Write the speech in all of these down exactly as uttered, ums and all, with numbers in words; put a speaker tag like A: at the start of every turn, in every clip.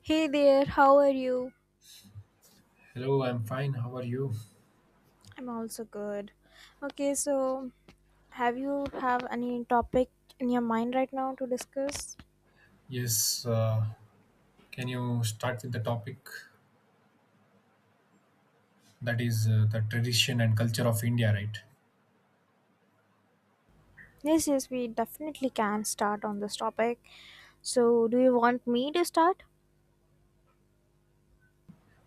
A: Hey there, how are you?
B: Hello, I'm fine. How are you?
A: I'm also good. Okay, so have you have any topic in your mind right now to discuss?
B: Yes, uh, can you start with the topic that is uh, the tradition and culture of India, right?
A: Yes, yes, we definitely can start on this topic. So, do you want me to start?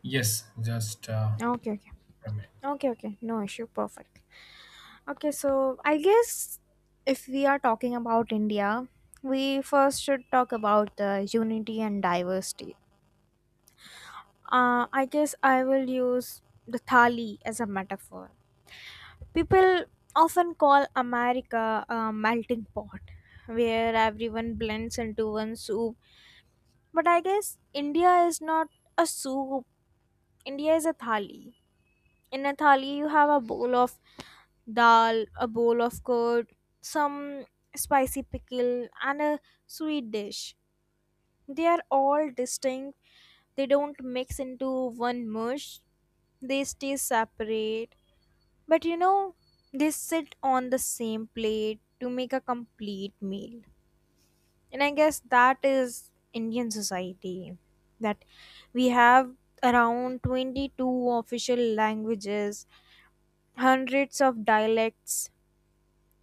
B: Yes, just uh,
A: Okay, okay.
B: a minute.
A: Okay, okay. No issue. Perfect. Okay, so I guess if we are talking about India, we first should talk about the unity and diversity. Uh, I guess I will use the thali as a metaphor. People often call America a melting pot where everyone blends into one soup. But I guess India is not a soup, India is a thali. In a thali, you have a bowl of dal, a bowl of curd, some spicy pickle, and a sweet dish. They are all distinct, they don't mix into one mush, they stay separate. But you know, they sit on the same plate to make a complete meal. And I guess that is Indian society, that we have around twenty-two official languages, hundreds of dialects,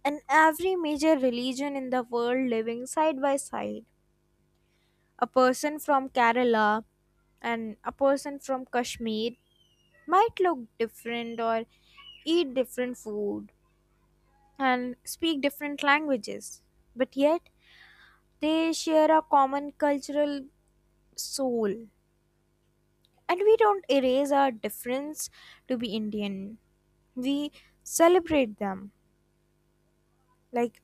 A: and every major religion in the world living side by side. A person from Kerala and a person from Kashmir might look different or eat different food and speak different languages, but yet they share a common cultural soul. And we don't erase our difference to be Indian, we celebrate them. Like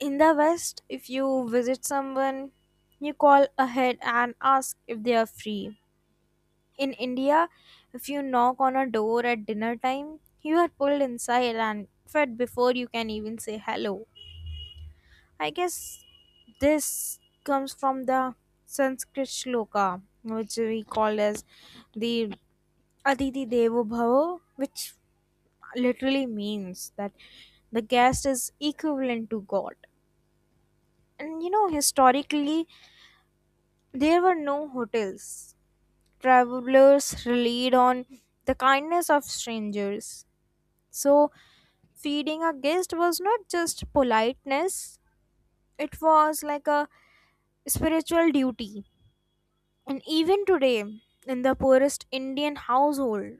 A: in the West, if you visit someone, you call ahead and ask if they are free. In India, if you knock on a door at dinner time, you are pulled inside and fed before you can even say hello. I guess this comes from the Sanskrit shloka, which we call as the Aditi Devo Bhava, which literally means that the guest is equivalent to God. And you know, historically, there were no hotels. Travelers relied on the kindness of strangers. So, feeding a guest was not just politeness, it was like a spiritual duty. And even today, in the poorest Indian household,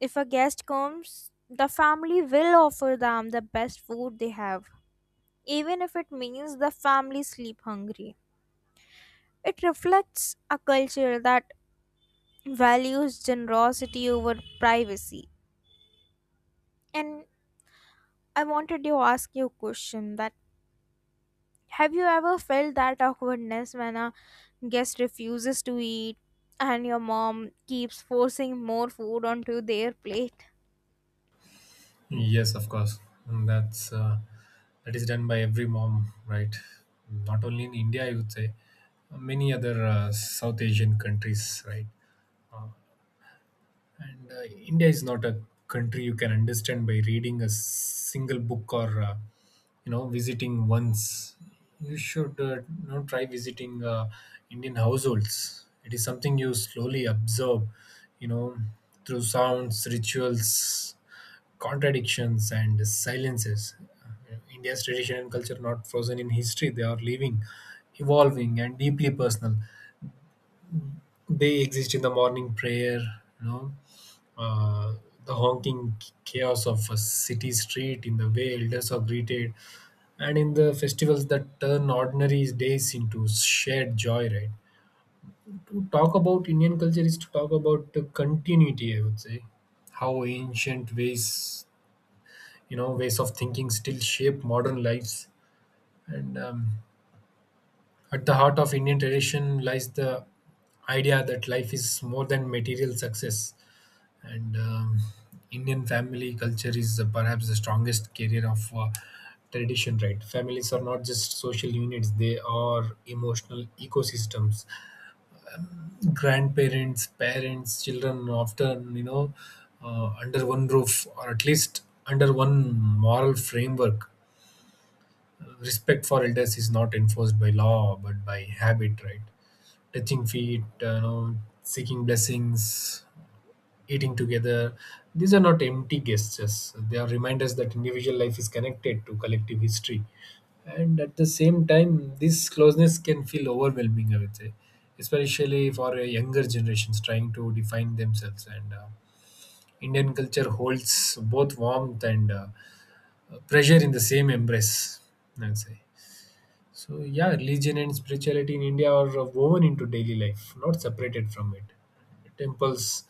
A: if a guest comes, the family will offer them the best food they have, even if it means the family sleep hungry. It reflects a culture that values generosity over privacy. And I wanted to ask you a question, that have you ever felt that awkwardness when a guest refuses to eat and your mom keeps forcing more food onto their plate?
B: Yes, of course. And That's uh, that is done by every mom, right? Not only in India, I would say many other uh, South Asian countries, right? And uh, India is not a country you can understand by reading a single book or uh, you know visiting once. You should uh, you know try visiting uh, Indian households. It is something you slowly observe, you know, through sounds, rituals, contradictions, and silences. India's tradition and culture are not frozen in history; they are living, evolving, and deeply personal. They exist in the morning prayer, you know, uh, the honking chaos of a city street, in the way elders are greeted, and in the festivals that turn ordinary days into shared joy, right? To talk about Indian culture is to talk about the continuity, I would say, how ancient ways, you know, ways of thinking still shape modern lives. And um, At the heart of Indian tradition lies the idea that life is more than material success. And um, Indian family culture is uh, perhaps the strongest carrier of uh, tradition. Right, families are not just social units; they are emotional ecosystems. Grandparents, parents, children often, you know, uh, under one roof, or at least under one moral framework. Respect for elders is not enforced by law but by habit. Right, touching feet, uh, you know, seeking blessings, eating together. These are not empty gestures. They are reminders that individual life is connected to collective history. And at the same time, this closeness can feel overwhelming, I would say, especially for a younger generations trying to define themselves. And uh, Indian culture holds both warmth and uh, pressure in the same embrace, I would say. So yeah, religion and spirituality in India are uh, woven into daily life, not separated from it. Temples,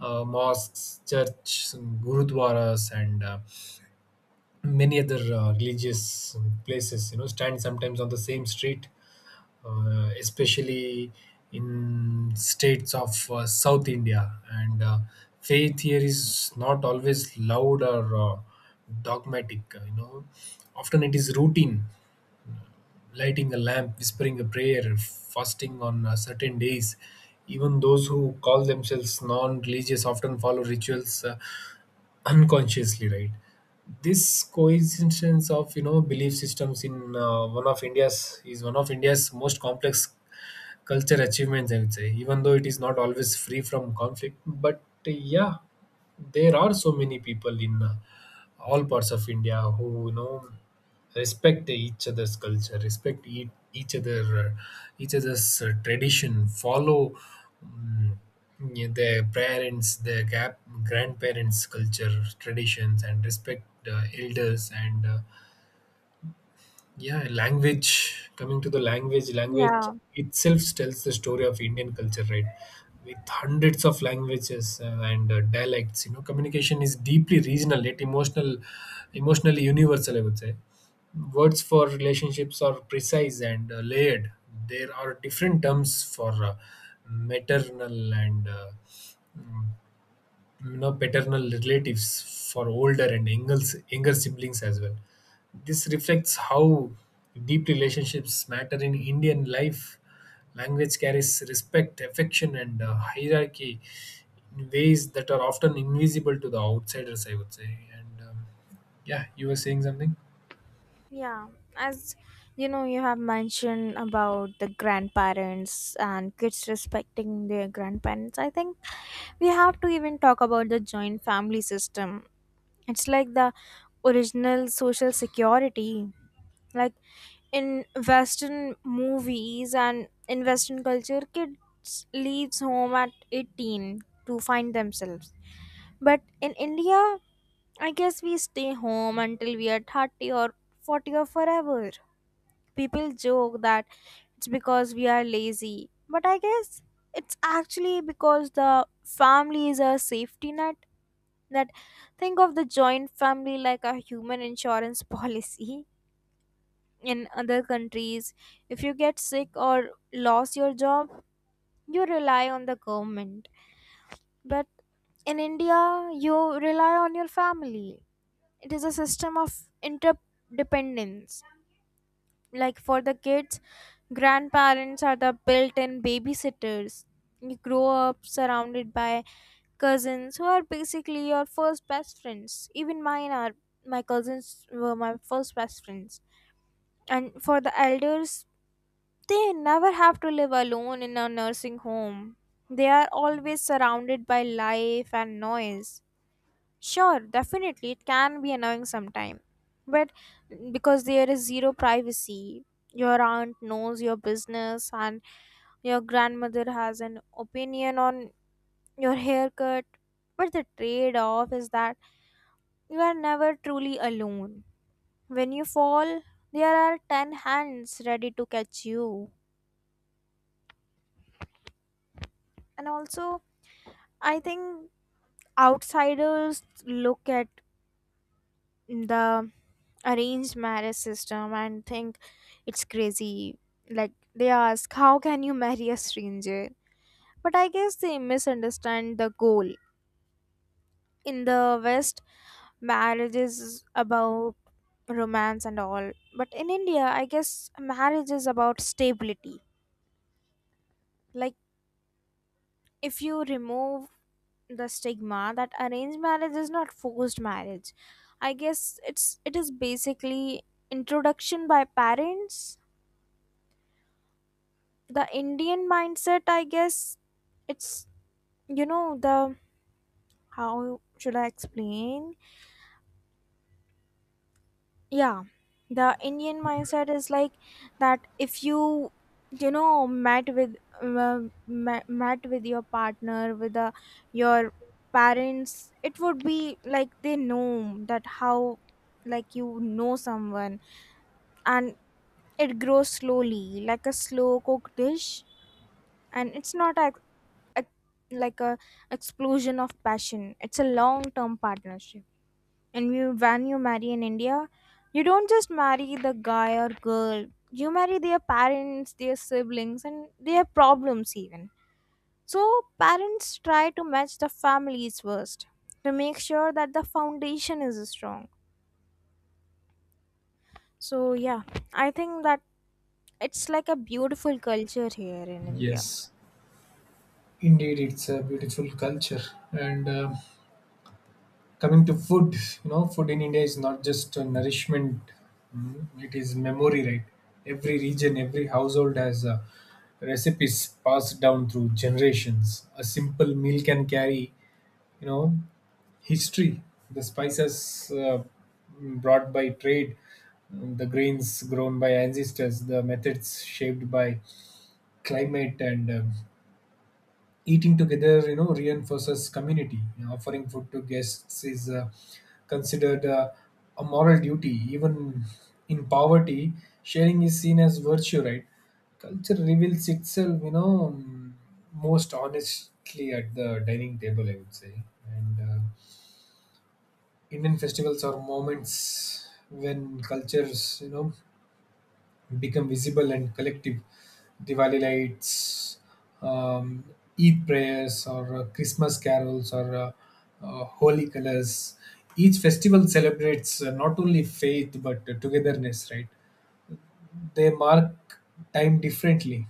B: uh, mosques, churches, and gurudwaras, and uh, many other uh, religious um, places, you know, stand sometimes on the same street, uh, especially in states of uh, South India. And uh, faith here is not always loud or uh, dogmatic. You know, often it is routine: lighting a lamp, whispering a prayer, fasting on uh, certain days. Even those who call themselves non religious often follow rituals uh, unconsciously, right? This coincidence of, you know, belief systems in uh, one of India's is one of India's most complex culture achievements, I would say, even though it is not always free from conflict. But uh, yeah, there are so many people in uh, all parts of India who, you know, respect each other's culture, respect e- each other, uh, each other's uh, tradition, follow um, yeah, their parents, their gap, grandparents' culture, traditions, and respect uh, elders and uh, yeah, language. Coming to the language, language
A: Yeah.
B: itself tells the story of Indian culture, right? With hundreds of languages uh, and uh, dialects, you know, communication is deeply regional, yet emotional, emotionally universal. I would say words for relationships are precise and uh, layered. There are different terms for uh, maternal and uh, mm, you know, paternal relatives, for older and younger younger siblings as well. This reflects how deep relationships matter in Indian life. Language carries respect, affection, and uh, hierarchy in ways that are often invisible to the outsiders, I would say. And um, Yeah, you were saying something?
A: Yeah, as you know, you have mentioned about the grandparents and kids respecting their grandparents. I think we have to even talk about the joint family system. It's like the original social security. Like in Western movies and in Western culture, kids leaves home at eighteen to find themselves. But in India, I guess we stay home until we are thirty or forty or forever. People joke that it's because we are lazy, but I guess it's actually because the family is a safety net. That think of the joint family like a human insurance policy. In other countries, if you get sick or lost your job, you rely on the government. But in India, you rely on your family. It is a system of interdependence. Like, for the kids, grandparents are the built-in babysitters. You grow up surrounded by cousins who are basically your first best friends. Even mine are My cousins were my first best friends. And for the elders, they never have to live alone in a nursing home. They are always surrounded by life and noise. Sure, definitely. It can be annoying sometime. But because there is zero privacy, your aunt knows your business and your grandmother has an opinion on your haircut. But the trade off is that you are never truly alone. When you fall, there are ten hands ready to catch you. And also, I think outsiders look at the arranged marriage system and think it's crazy. Like they ask, how can you marry a stranger? But I guess they misunderstand the goal. In the West, marriage is about romance and all. But in India, I guess marriage is about stability. Like, if you remove the stigma that arranged marriage is not forced marriage. I guess it's it is basically introduction by parents. The Indian mindset, I guess it's you know the how should I explain? Yeah, the Indian mindset is like that if you you know met with uh, met, met with your partner with the, your parents, it would be like they know that, how, like, you know someone. And it grows slowly, like a slow cooked dish. And it's not a, like a explosion of passion, it's a long term partnership. And you, when you marry in India, you don't just marry the guy or girl, you marry their parents, their siblings, and their problems even. So parents try to match the families first to make sure that the foundation is strong. So yeah, I think that it's like a beautiful culture here in India.
B: Yes, indeed, it's a beautiful culture, and um coming to food, you know, food in India is not just a nourishment; mm, it is memory, right? Every region, every household has uh, recipes passed down through generations. A simple meal can carry, you know, history. The spices uh, brought by trade, the grains grown by ancestors, the methods shaped by climate, and um eating together, you know, reinforces community. You know, offering food to guests is uh, considered uh, a moral duty. Even in poverty, sharing is seen as virtue, right? Culture reveals itself, you know, um, most honestly at the dining table, I would say. And uh, Indian festivals are moments when cultures, you know, become visible and collective. Diwali lights, um, Eid prayers, or uh, Christmas carols, or uh, uh, holy colors. Each festival celebrates uh, not only faith but uh, togetherness, right? They mark time differently,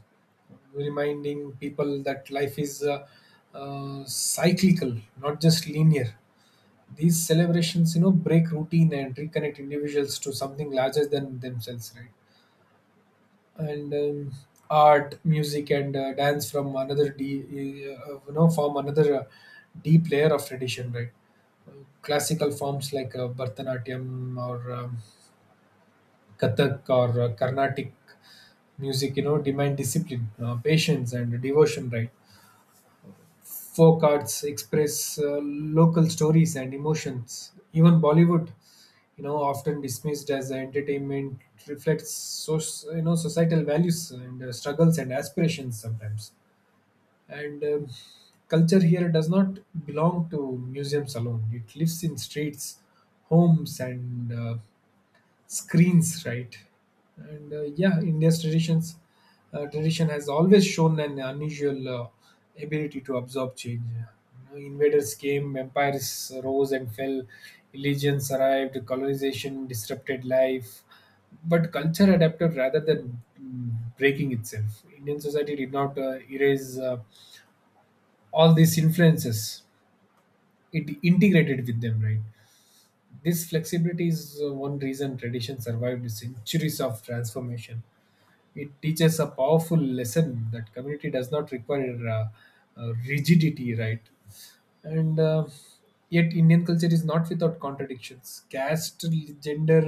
B: reminding people that life is uh, uh, cyclical, not just linear. These celebrations, you know, break routine and reconnect individuals to something larger than themselves, right? and um, Art, music, and uh, dance from another D, uh, you know, form another uh, deep layer of tradition, right? Classical forms like uh, Bharatanatyam or um, Kathak or uh, Carnatic music, you know, demand discipline, uh, patience, and devotion, right? Folk arts express uh, local stories and emotions. Even Bollywood, you know, often dismissed as entertainment, reflects, so, you know, societal values and uh, struggles and aspirations sometimes. And um, Culture here does not belong to museums alone; it lives in streets, homes, and uh, screens, right? and uh, yeah, India's traditions uh, tradition has always shown an unusual uh, ability to absorb change. You know, invaders came, empires rose and fell, religions arrived, colonization disrupted life, but culture adapted rather than mm, breaking itself. Indian society did not uh, erase uh, all these influences; it integrated with them, right? This flexibility is uh, one reason tradition survived centuries of transformation. It teaches a powerful lesson that community does not require uh, uh, rigidity, right? and uh, yet Indian culture is not without contradictions: caste, gender,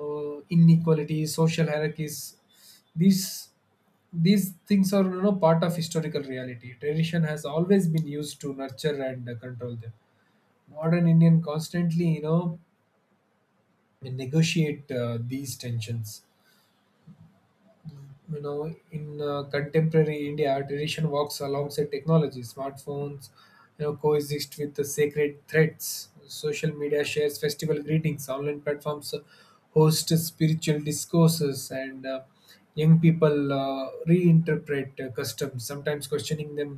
B: uh, inequality, social hierarchies. These these things are, you know, part of historical reality; tradition has always been used to nurture and uh, control them. Modern Indian constantly, you know, negotiate uh, these tensions, you know, in uh, contemporary India. Tradition walks alongside technology; smartphones, you know, coexist with the sacred threads, social media shares festival greetings, online platforms host spiritual discourses, and uh, young people uh, reinterpret uh, customs, sometimes questioning them,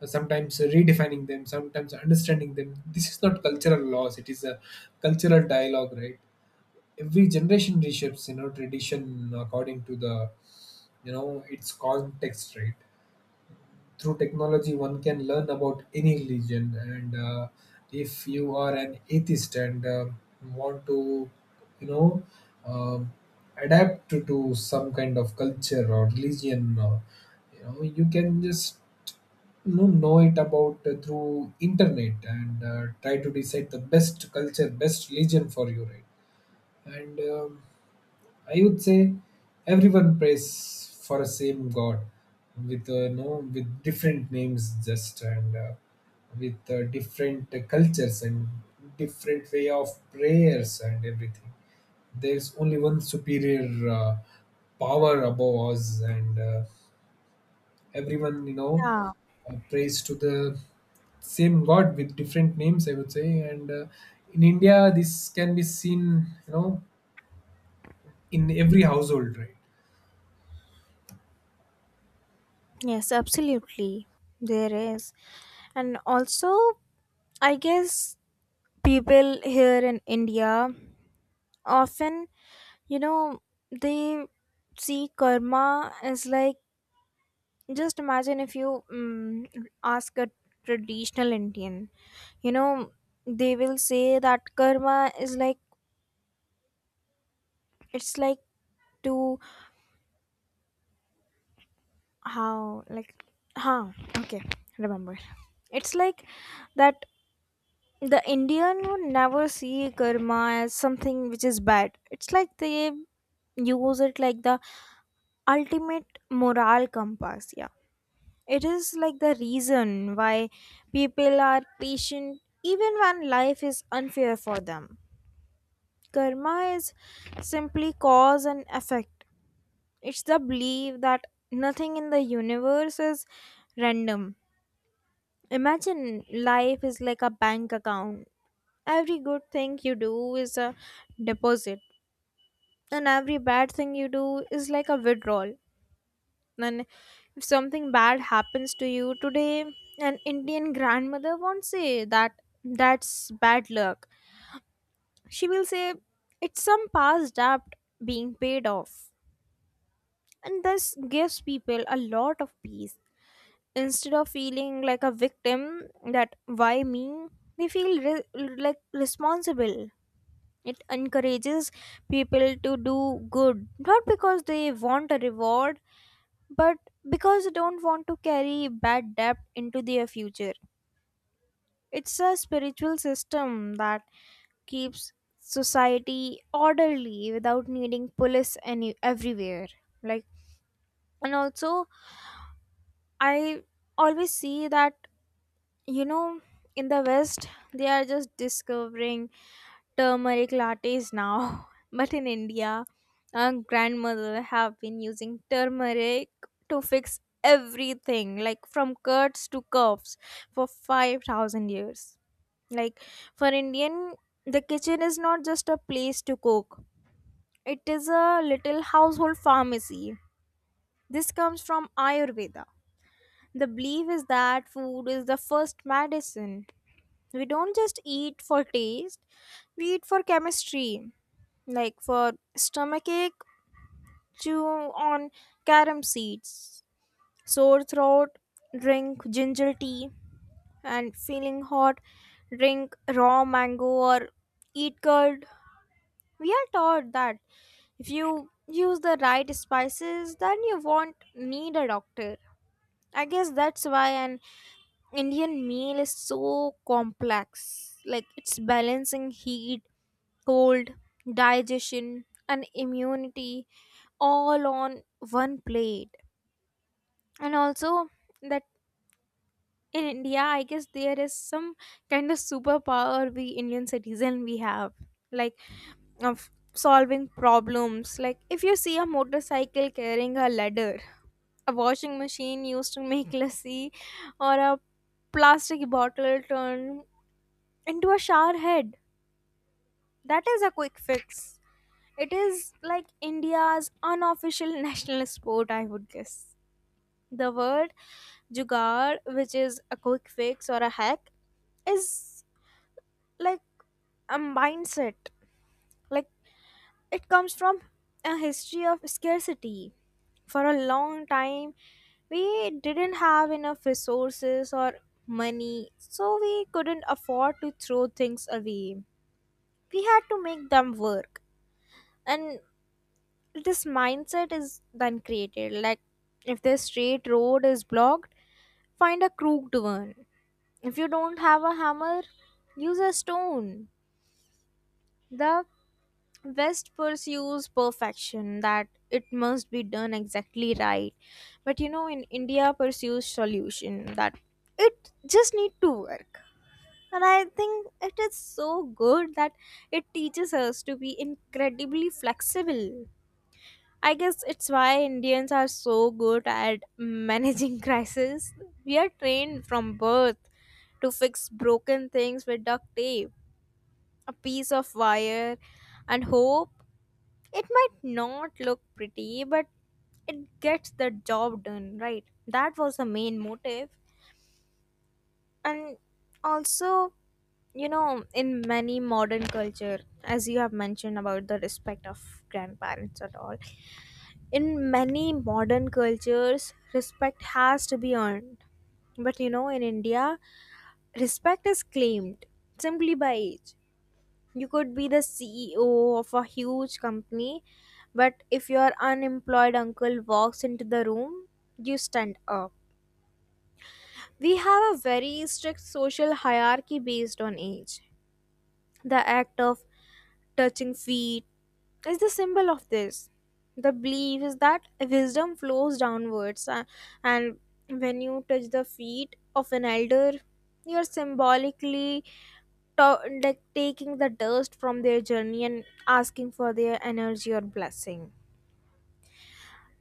B: uh, sometimes redefining them, sometimes understanding them. This is not cultural loss; it is a cultural dialogue, right? Every generation reshapes, you know, tradition according to the, you know, its context, right? Through technology, one can learn about any religion, and uh, if you are an atheist and uh, want to, you know, um adapt to, to some kind of culture or religion, uh, you know, you can just, you know, know it about uh, through internet and uh, try to decide the best culture, best religion for you, right? and um, I would say everyone prays for a same God with uh, no with different names, just, and uh, with uh, different uh, cultures and different way of prayers and everything. There's only one superior uh, power above us, and uh, everyone, you know,
A: Yeah.
B: uh, prays to the same god with different names, I would say, and uh, in India this can be seen, you know, in every household, right?
A: Yes, absolutely. There is. And also, I guess people here in India often, you know, they see karma as like, just imagine if you mm ask a traditional Indian, you know, they will say that karma is like it's like to how like how okay remember it's like that the Indian would never see karma as something which is bad. It's like they use it like the ultimate moral compass. Yeah, it is like the reason why people are patient even when life is unfair for them. Karma is simply cause and effect. It's the belief that nothing in the universe is random. Imagine life is like a bank account. Every good thing you do is a deposit, and every bad thing you do is like a withdrawal. And if something bad happens to you today, an Indian grandmother won't say that that's bad luck. She will say it's some past debt being paid off. And this gives people a lot of peace. Instead of feeling like a victim, that why me, they feel re- like responsible. It encourages people to do good, not because they want a reward, but because you don't want to carry bad debt into their future. It's a spiritual system that keeps society orderly without needing police any everywhere. Like, and also, I always see that, you know, in the West they are just discovering turmeric lattes now, but in India, our grandmother have been using turmeric to fix everything, like from cuts to coughs, for five thousand years. Like, for Indian, the kitchen is not just a place to cook, it is a little household pharmacy. This comes from Ayurveda. The belief is that food is the first medicine. We don't just eat for taste, we eat for chemistry. Like, for stomachache, chew on carom seeds. Sore throat, drink ginger tea. And feeling hot, drink raw mango or eat curd. We are taught that if you use the right spices, then you won't need a doctor. I guess that's why an Indian meal is so complex, like it's balancing heat, cold, digestion, and immunity all on one plate. And also, that in India, I guess there is some kind of superpower we Indian citizen we have, like, of solving problems. Like, if you see a motorcycle carrying a ladder, a washing machine used to make lassi, or a plastic bottle turned into a shower head. That is a quick fix. It is like India's unofficial national sport, I would guess. The word jugaad, which is a quick fix or a hack, is like a mindset. Like, it comes from a history of scarcity. For a long time, we didn't have enough resources or money, so we couldn't afford to throw things away. We had to make them work. And this mindset is then created, like, if the straight road is blocked, find a crooked one. If you don't have a hammer, use a stone. The West pursues perfection, that it must be done exactly right. But you know, in India pursues solution, that it just need to work. And I think it is so good that it teaches us to be incredibly flexible. I guess it's why Indians are so good at managing crises. We are trained from birth to fix broken things with duct tape, a piece of wire, and hope. It might not look pretty, but it gets the job done, right? That was the main motive. And also, you know, in many modern culture, as you have mentioned about the respect of grandparents at all, in many modern cultures, respect has to be earned. But you know, in India, respect is claimed simply by age. You could be the C E O of a huge company, but if your unemployed uncle walks into the room, you stand up. We have a very strict social hierarchy based on age. The act of touching feet is the symbol of this. The belief is that wisdom flows downwards, a- and when you touch the feet of an elder, you're symbolically to- like taking the dust from their journey and asking for their energy or blessing.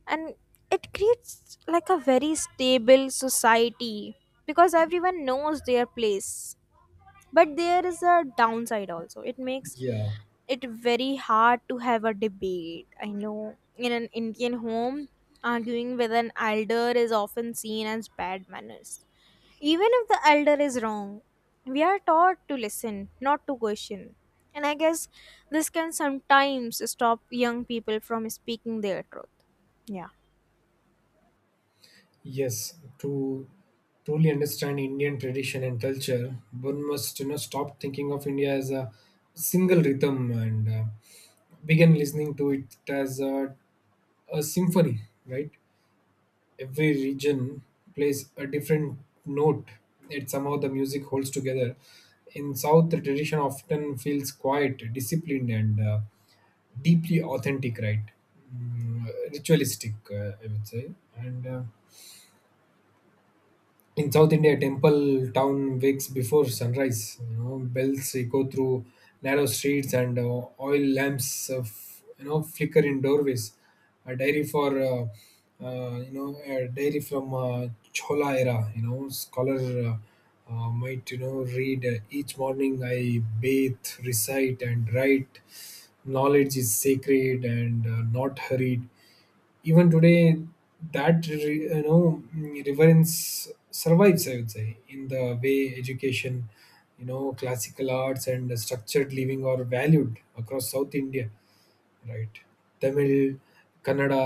A: And it creates like a very stable society because everyone knows their place. But there is a downside also, it makes
B: Yeah.
A: it very hard to have a debate. I know in an Indian home, arguing with an elder is often seen as bad manners, even if the elder is wrong. We are taught to listen, not to question. And I guess this can sometimes stop young people from speaking their truth. Yeah.
B: Yes, to truly understand Indian tradition and culture, one must, you know, stop thinking of India as a single rhythm and uh, begin listening to it as a, a symphony. Right, every region plays a different note, yet somehow the music holds together. In South, the tradition often feels quiet, disciplined, and uh, deeply authentic. Right. Mm, ritualistic, uh, I would say. And. Uh, in South India, temple town wakes before sunrise. You know, bells echo through narrow streets, and uh, oil lamps, uh, f- you know, flicker in doorways. A dairy for, uh, uh, you know, a dairy from uh, Chola era. You know, scholar, uh, uh, might, you know, read uh, each morning. I bathe, recite, and write. Knowledge is sacred and uh, not hurried. Even today, that re- you know, reverence survives, I would say, in the way education, you know, classical arts, and structured living are valued across South India, right? Tamil, Kannada,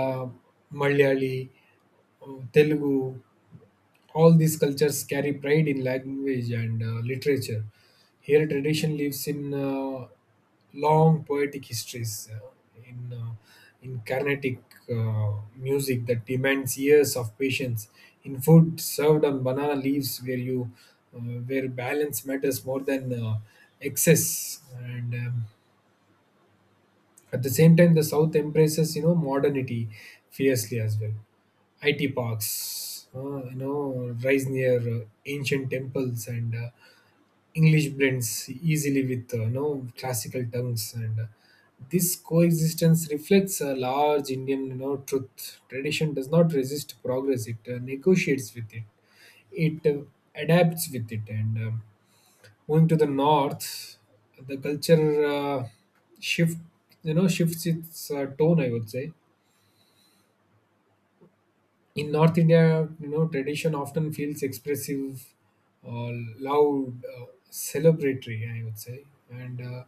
B: Malayali, uh, Telugu. All these cultures carry pride in language and uh, literature. Here, tradition lives in uh, long poetic histories, uh, in uh, in Carnatic uh, music that demands years of patience, in food served on banana leaves, where you uh, where balance matters more than uh, excess, and um, at the same time, the South embraces, you know, modernity fiercely as well. I T parks, uh, you know, rise near uh, ancient temples, and uh, English blends easily with, uh, you know, classical tongues, and uh, this coexistence reflects a large Indian, you know, truth. Tradition does not resist progress; it uh, negotiates with it, it uh, adapts with it, and um, moving to the north, the culture uh, shift, you know, shifts its uh, tone, I would say. In North India, you know, tradition often feels expressive, uh, loud, uh, celebratory, I would say, and uh,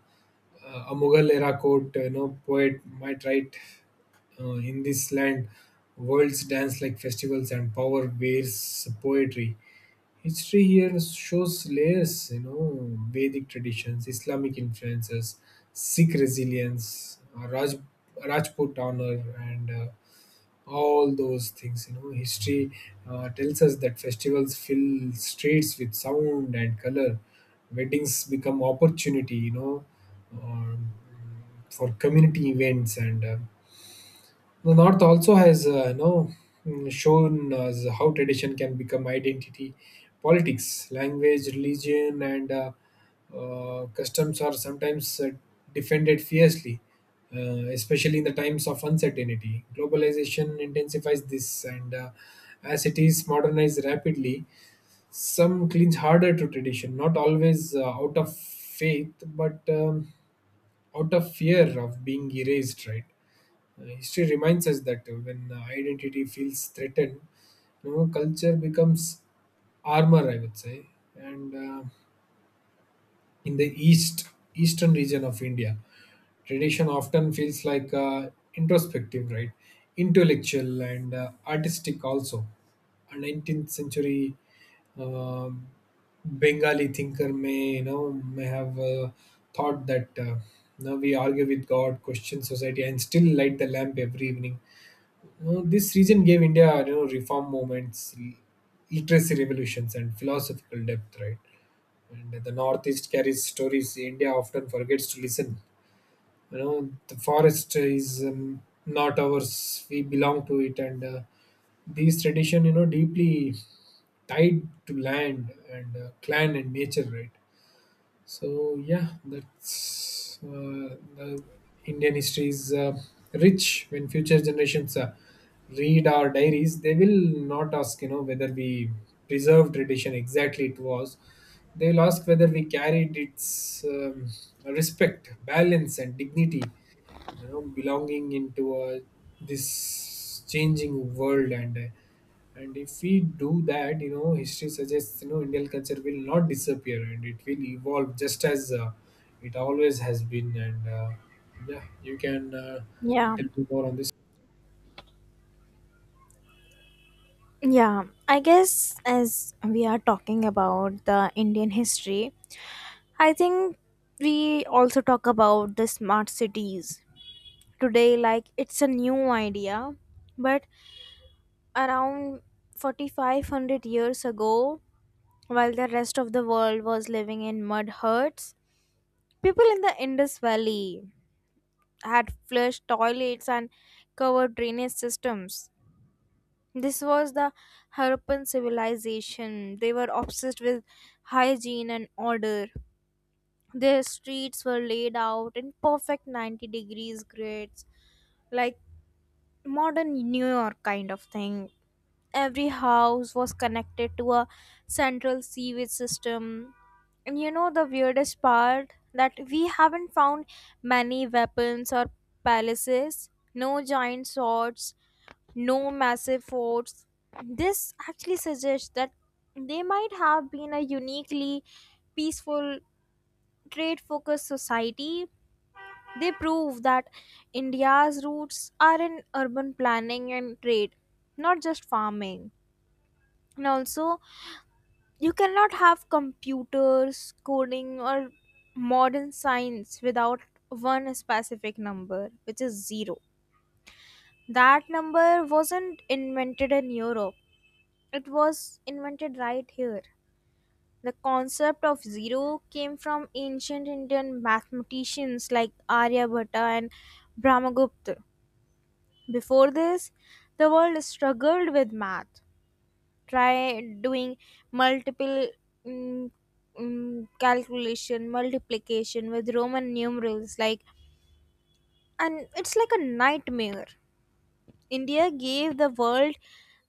B: uh, a Mughal era court, you know, poet might write. Uh, in this land, worlds dance like festivals and power wears poetry. History here shows layers, you know, Vedic traditions, Islamic influences, Sikh resilience, uh, Raj, Rajput honor, and uh, all those things. You know, history uh, tells us that festivals fill streets with sound and color. Weddings become opportunity, you know, um, for community events, and uh, the North also has, uh, you know, mm, shown us how tradition can become identity. Politics, language, religion, and uh, uh, customs are sometimes uh, defended fiercely, uh, especially in the times of uncertainty. Globalization intensifies this, and uh, as cities modernize rapidly, some cling harder to tradition, not always uh, out of faith, but um, out of fear of being erased, right? Uh, history reminds us that uh, when uh, identity feels threatened, you know, culture becomes armor, I would say. And uh, In the east, eastern region of India, tradition often feels like uh, introspective, right? Intellectual and uh, artistic also. A nineteenth century um Bengali thinker may, you know, may have uh, thought that, uh, now we argue with God, question society, and still light the lamp every evening. Uh, this region gave India, you know, reform movements, l- literacy revolutions, and philosophical depth, right? And the Northeast carries stories India often forgets to listen. You know, the forest is, um, not ours; we belong to it, and uh, these tradition, you know, deeply tied to land and uh, clan and nature, right? So yeah, that's uh, the Indian history is uh, rich. When future generations uh, read our diaries, they will not ask, you know, whether we preserve tradition exactly it was. They will ask whether we carried its um, respect, balance, and dignity. You know, belonging into uh, this changing world, and uh, and if we do that, you know, history suggests, you know, Indian culture will not disappear and it will evolve just as uh, it always has been. And uh, Yeah, you can uh,
A: Yeah.
B: tell me more on this.
A: Yeah, I guess, as we are talking about the Indian history, I think we also talk about the smart cities today, like it's a new idea. But around forty-five hundred years ago, while the rest of the world was living in mud huts, people in the Indus Valley had flush toilets and covered drainage systems. This was the Harappan civilization. They were obsessed with hygiene and order. Their streets were laid out in perfect ninety degrees grids, like modern New York kind of thing. Every house was connected to a central sewage system. And you know the weirdest part, that we haven't found many weapons or palaces, no giant swords, no massive forts. This actually suggests that they might have been a uniquely peaceful trade focused society. They prove that India's roots are in urban planning and trade, not just farming. And also, you cannot have computers, coding, or modern science without one specific number, which is zero. That number wasn't invented in Europe, it was invented right here. The concept of zero came from ancient Indian mathematicians like Aryabhatta and Brahmagupta. Before this, the world struggled with math. Try doing multiple mm, mm, calculation, multiplication with Roman numerals, like, and it's like a nightmare. India gave the world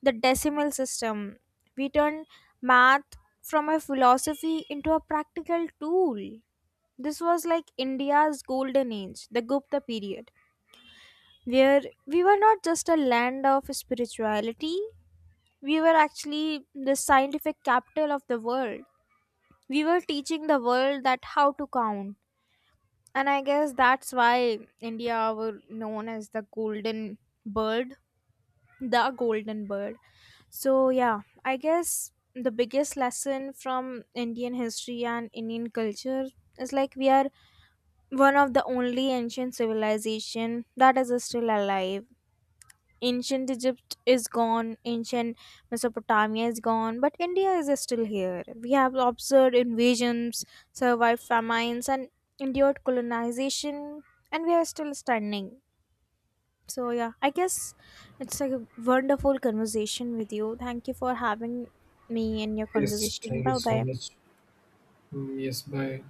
A: the decimal system. We turned math from a philosophy into a practical tool. This was like India's golden age, the Gupta period, where we were not just a land of spirituality, we were actually the scientific capital of the world. We were teaching the world that how to count. And I guess that's why India were known as the golden bird, the golden bird. So yeah, I guess the biggest lesson from Indian history and Indian culture is like we are one of the only ancient civilization that is still alive. Ancient Egypt is gone, ancient Mesopotamia is gone, but India is still here. We have observed invasions, survived famines, and endured colonization, and we are still standing. So yeah, I guess it's like a wonderful conversation with you. Thank you for having me in your
B: Yes,
A: conversation.
B: thank you
A: Bye
B: so
A: bye.
B: much. Mm, yes, bye.